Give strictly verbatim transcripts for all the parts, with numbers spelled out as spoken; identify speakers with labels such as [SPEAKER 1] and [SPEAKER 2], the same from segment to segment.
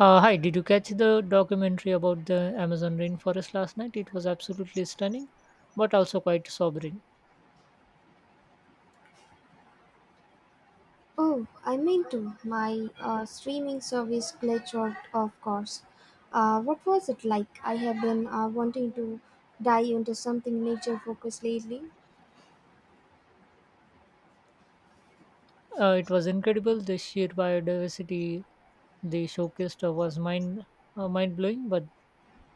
[SPEAKER 1] Uh, hi, did you catch the documentary about the Amazon rainforest last night? It was absolutely stunning, but also quite sobering.
[SPEAKER 2] Oh, I meant to. My uh, streaming service glitched out, of course. Uh, what was it like? I have been uh, wanting to dive into something nature focused lately.
[SPEAKER 1] Uh, it was incredible. The sheer biodiversity they showcased was mind uh, mind blowing. But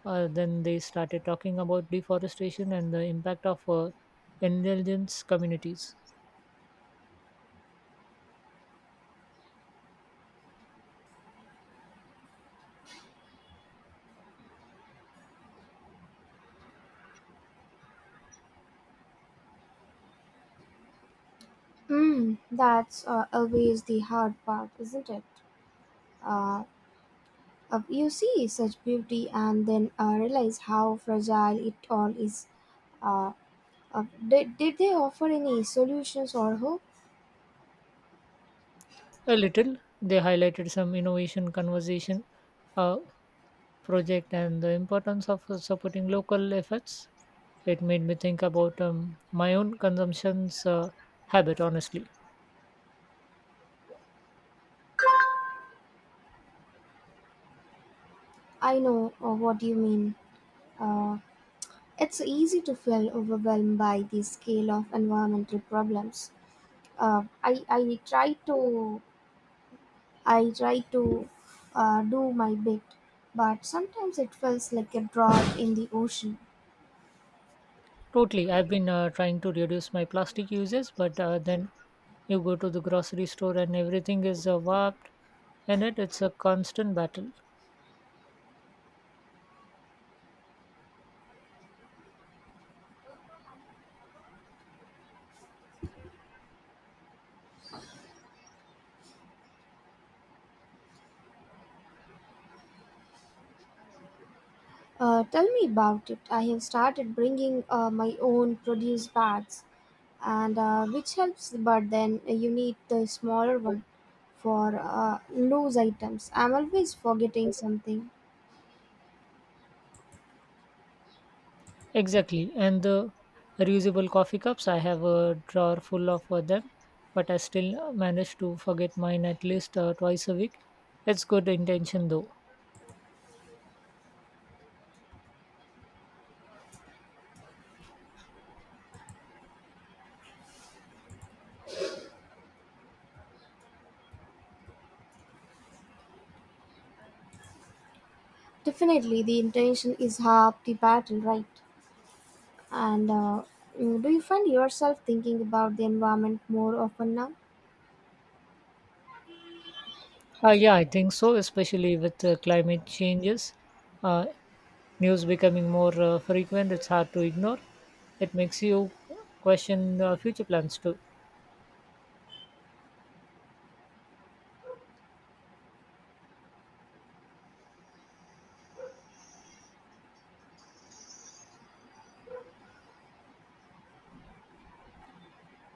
[SPEAKER 1] uh, then they started talking about deforestation and the impact of uh, intelligence communities.
[SPEAKER 2] Mm, that's uh, always the hard part, isn't it? Uh, uh, you see such beauty and then uh, realize how fragile it all is. Uh, uh, did, did they offer any solutions or hope?
[SPEAKER 1] A little, they highlighted some innovation conversation, uh, project and the importance of uh, supporting local efforts. It made me think about um, my own consumption's uh, habit, honestly.
[SPEAKER 2] I know uh, what you mean. Uh, It's easy to feel overwhelmed by the scale of environmental problems. Uh, I, I try to I try to uh, do my bit, but sometimes it feels like a drop in the ocean.
[SPEAKER 1] Totally. I've been uh, trying to reduce my plastic uses, but uh, then you go to the grocery store and everything is uh, warped in it. It's a constant battle.
[SPEAKER 2] Uh, tell me about it. I have started bringing uh, my own produce bags, and uh, which helps. But then you need the smaller one for uh, loose items. I'm always forgetting something.
[SPEAKER 1] Exactly. And the reusable coffee cups, I have a drawer full of uh, them, but I still manage to forget mine at least uh, twice a week. It's good intention though.
[SPEAKER 2] Definitely, the intention is half the battle, right? And uh, mm, do you find yourself thinking about the environment more often now?
[SPEAKER 1] Uh, yeah, I think so, especially with uh, climate changes. Uh, news becoming more uh, frequent, it's hard to ignore. It makes you question uh, future plans too.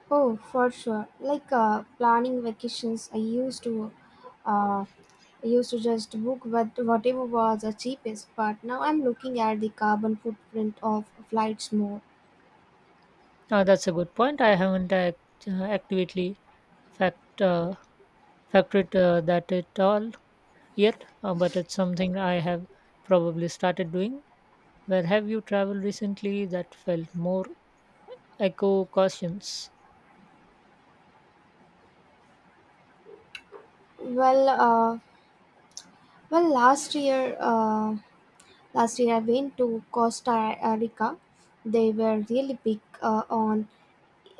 [SPEAKER 2] Oh, for sure. Like uh, planning vacations, I used to, uh, I used to just book what whatever was the cheapest. But now I'm looking at the carbon footprint of flights more.
[SPEAKER 1] Uh, that's a good point. I haven't act- uh, actively fact, uh, factored uh, that at all yet, uh, but it's something I have probably started doing. Where have you traveled recently that felt more eco cautious?
[SPEAKER 2] Well, uh, well, last year, uh, last year I went to Costa Rica. They were really big uh, on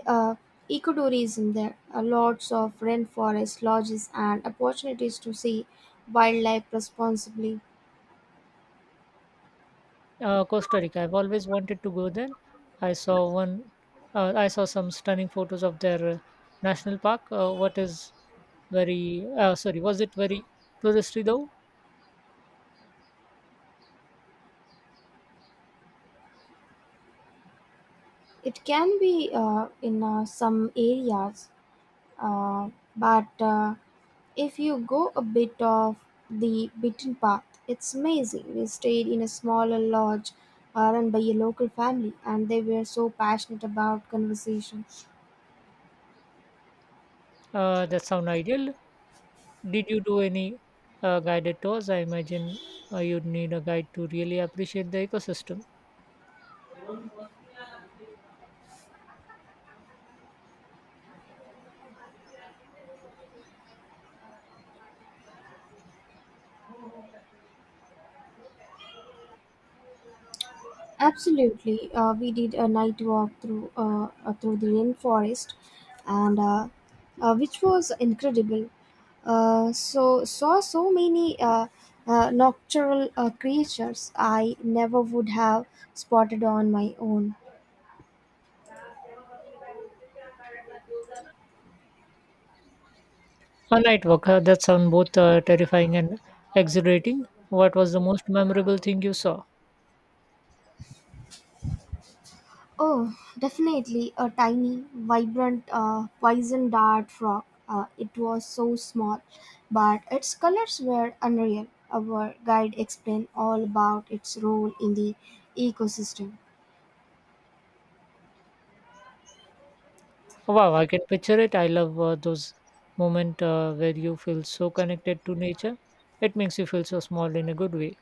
[SPEAKER 2] uh, ecotourism. There are lots of rainforest lodges and opportunities to see wildlife responsibly.
[SPEAKER 1] Uh, Costa Rica. I've always wanted to go there. I saw one. Uh, I saw some stunning photos of their uh, national park. Uh, what is very uh, sorry? Was it very touristy though?
[SPEAKER 2] It can be uh, in uh, some areas, uh, but uh, if you go a bit off the beaten path it's amazing. We stayed in a smaller lodge uh, run by a local family and they were so passionate about conversation.
[SPEAKER 1] Uh, that sound ideal. Did you do any uh, guided tours? I imagine uh, you'd need a guide to really appreciate the ecosystem.
[SPEAKER 2] Absolutely. Uh, we did a night walk through uh, uh, through the rainforest, and uh, uh, which was incredible. Uh, so saw so many uh, uh, nocturnal uh, creatures I never would have spotted on my own.
[SPEAKER 1] A night walk. Uh, that sound both uh, terrifying and exhilarating. What was the most memorable thing you saw?
[SPEAKER 2] Oh, definitely a tiny, vibrant uh, poison dart frog. Uh, it was so small, but its colors were unreal. Our guide explained all about its role in the ecosystem.
[SPEAKER 1] Wow, I can picture it. I love uh, those moments uh, where you feel so connected to nature. It makes you feel so small in a good way.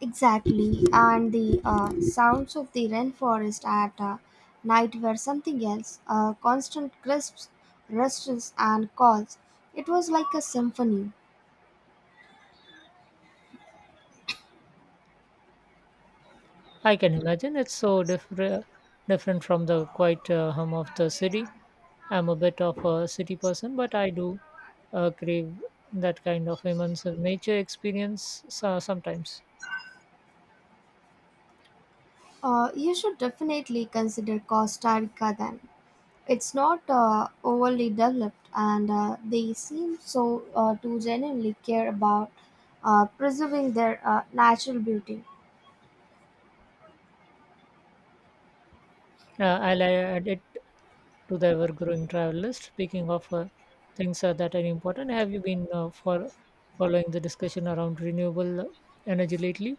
[SPEAKER 2] Exactly, and the uh, sounds of the rainforest at uh, night were something else: uh, constant crisps, rustles, and calls. It was like a symphony.
[SPEAKER 1] I can imagine it's so different different from the quiet uh, hum of the city. I'm a bit of a city person, but I do uh, crave that kind of immense nature experience uh, sometimes.
[SPEAKER 2] Uh, you should definitely consider Costa Rica then. It's not uh, overly developed, and uh, they seem so uh, to genuinely care about uh, preserving their uh, natural beauty.
[SPEAKER 1] Uh, I'll add it to the ever-growing travel list. Speaking of uh, things uh, that are important, have you been uh, for following the discussion around renewable energy lately?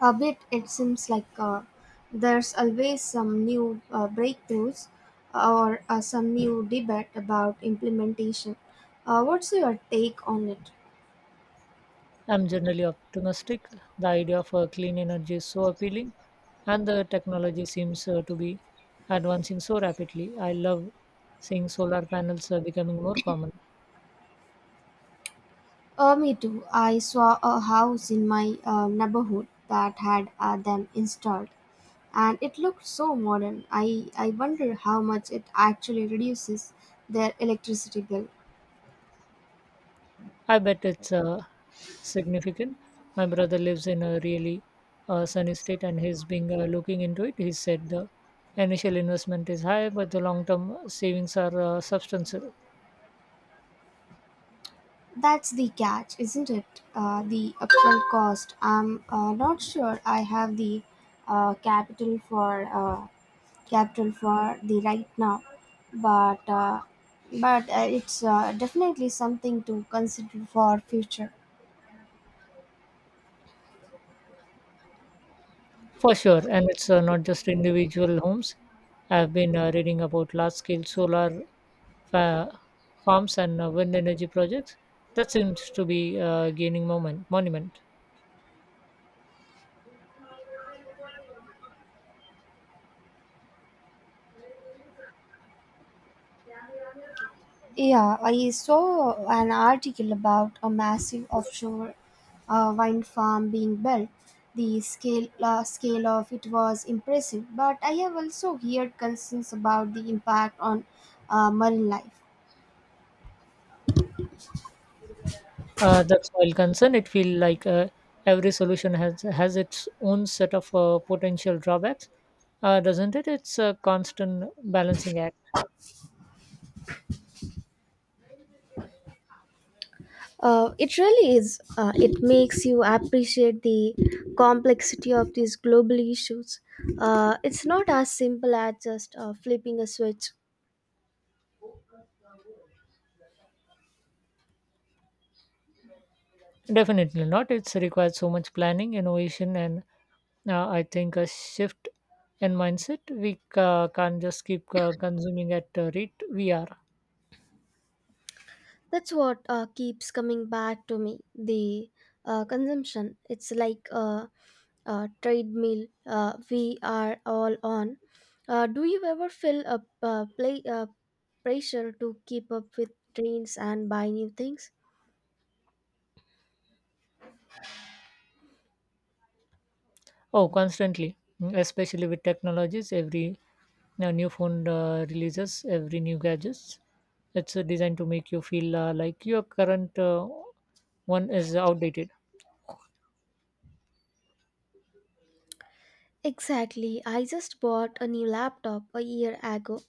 [SPEAKER 2] A bit, it seems like uh, there's always some new uh, breakthroughs or uh, some new debate about implementation. Uh, what's your take on it?
[SPEAKER 1] I'm generally optimistic. The idea of uh, clean energy is so appealing, and the technology seems uh, to be advancing so rapidly. I love seeing solar panels uh, becoming more common.
[SPEAKER 2] Uh, me too. I saw a house in my uh, neighborhood that had uh, them installed, and it looked so modern. I, I wonder how much it actually reduces their electricity bill.
[SPEAKER 1] I bet it's uh, significant. My brother lives in a really uh, sunny state and he's been uh, looking into it. He said the initial investment is high, but the long term savings are uh, substantial.
[SPEAKER 2] That's the catch, isn't it? Uh, the upfront cost. I'm uh, not sure I have the uh, capital for uh, capital for the right now, but uh, but uh, it's uh, definitely something to consider for future.
[SPEAKER 1] For sure. And it's uh, not just individual homes. I've been uh, reading about large scale solar fa- farms and uh, wind energy projects. That seems to be uh, gaining moment, monument.
[SPEAKER 2] Yeah, I saw an article about a massive offshore uh, wind farm being built. The scale uh, scale of it was impressive, but I have also heard concerns about the impact on uh, marine life.
[SPEAKER 1] Uh, that's while concern, it feel like uh, every solution has has its own set of uh, potential drawbacks, uh, doesn't it? It's a constant balancing act.
[SPEAKER 2] Uh, it really is. Uh, it makes you appreciate the complexity of these global issues. Uh, it's not as simple as just uh, flipping a switch.
[SPEAKER 1] Definitely not. It's required so much planning, innovation, and uh, I think a shift in mindset. We ca- can't just keep uh, consuming at the rate we are.
[SPEAKER 2] That's what uh, keeps coming back to me, the uh, consumption. It's like a, a trade meal uh, we are all on. Uh, do you ever feel a uh, play uh, pressure to keep up with trends and buy new things?
[SPEAKER 1] Oh, constantly, mm, especially with technologies. Every now, new phone uh, releases every new gadgets. It's uh, designed to make you feel uh, like your current uh, one is outdated.
[SPEAKER 2] Exactly. I just bought a new laptop a year ago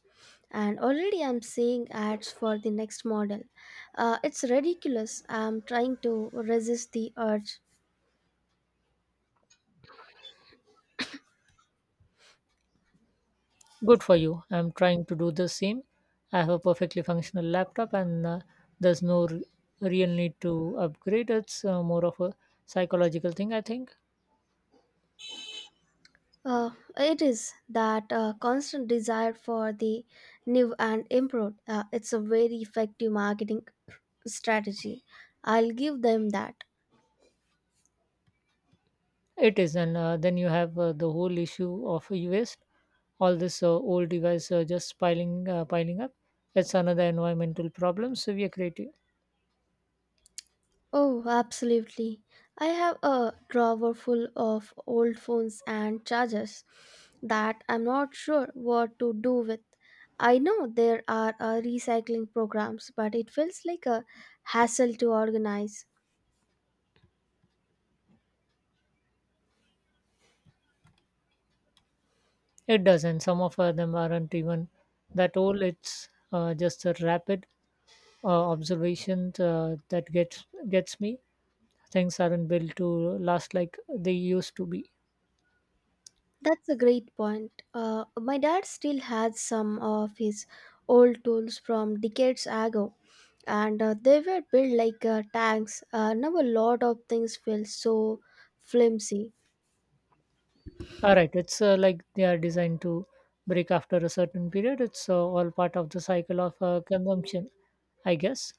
[SPEAKER 2] and already I'm seeing ads for the next model. Uh, it's ridiculous. I'm trying to resist the urge.
[SPEAKER 1] Good for you. I'm trying to do the same. I have a perfectly functional laptop, and uh, there's no r- real need to upgrade. It's uh, more of a psychological thing, I think.
[SPEAKER 2] Uh, it is that uh, constant desire for the new and improved. Uh, it's a very effective marketing strategy. I'll give them that.
[SPEAKER 1] It is, and uh, then you have uh, the whole issue of waste. All this uh, old device uh, just piling uh, piling up. It's another environmental problem. So we are creating
[SPEAKER 2] Oh, absolutely. I have a drawer full of old phones and chargers that I'm not sure what to do with. I know there are uh, recycling programs, but it feels like a hassle to organize.
[SPEAKER 1] it doesn't. Some of uh, them aren't even that old. It's uh, just a rapid uh, observation uh, that gets gets me. Things aren't built to last like they used to be.
[SPEAKER 2] That's a great point. Uh, my dad still has some of his old tools from decades ago, and uh, they were built like uh, tanks. Uh, now a lot of things feel so flimsy.
[SPEAKER 1] All right, it's uh, like they are designed to break after a certain period. It's uh, all part of the cycle of uh, consumption, I guess.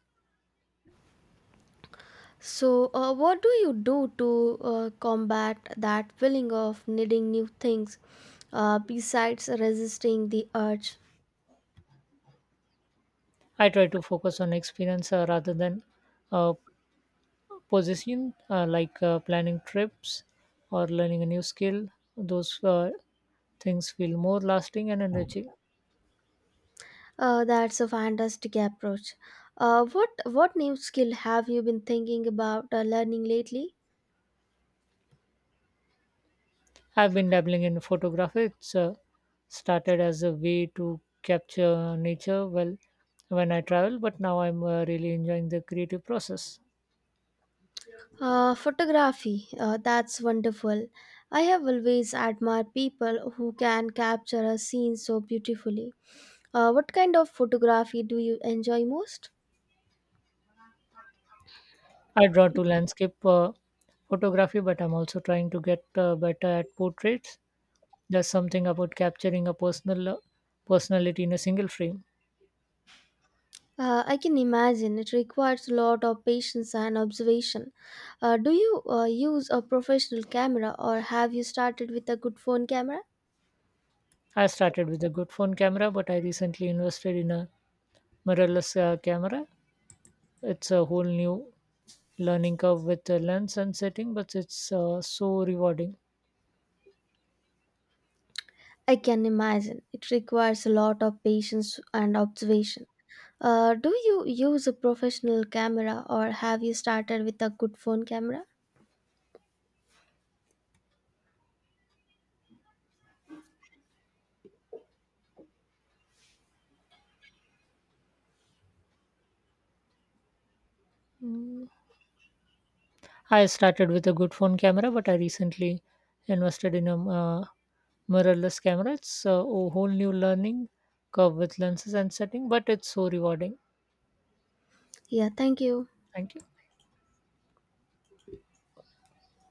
[SPEAKER 2] So, uh, what do you do to uh, combat that feeling of needing new things, uh, besides resisting the urge?
[SPEAKER 1] I try to focus on experience uh, rather than uh, position, uh, like uh, planning trips or learning a new skill. Those uh, things feel more lasting and enriching.
[SPEAKER 2] Uh, that's a fantastic approach. Uh, what what new skill have you been thinking about uh, learning lately?
[SPEAKER 1] I've been dabbling in photography. It's uh, started as a way to capture nature well when I travel, but now I'm uh, really enjoying the creative process.
[SPEAKER 2] Uh, photography, uh, that's wonderful. I have always admired people who can capture a scene so beautifully. Uh, what kind of photography do you enjoy most?
[SPEAKER 1] I draw to landscape uh, photography, but I'm also trying to get uh, better at portraits. There's something about capturing a personal uh, personality in a single frame.
[SPEAKER 2] Uh, I can imagine it requires a lot of patience and observation. Uh, do you uh, use a professional camera or have you started with a good phone camera?
[SPEAKER 1] I started with a good phone camera, but I recently invested in a mirrorless uh, camera. It's a whole new learning curve with a lens and setting, but it's uh, so rewarding.
[SPEAKER 2] I can imagine it requires a lot of patience and observation. Uh, do you use a professional camera or have you started with a good phone camera?
[SPEAKER 1] Mm. I started with a good phone camera, but I recently invested in a uh, mirrorless camera. It's uh, a whole new learning curve with lenses and setting, but it's so rewarding.
[SPEAKER 2] Yeah, thank you.
[SPEAKER 1] Thank you.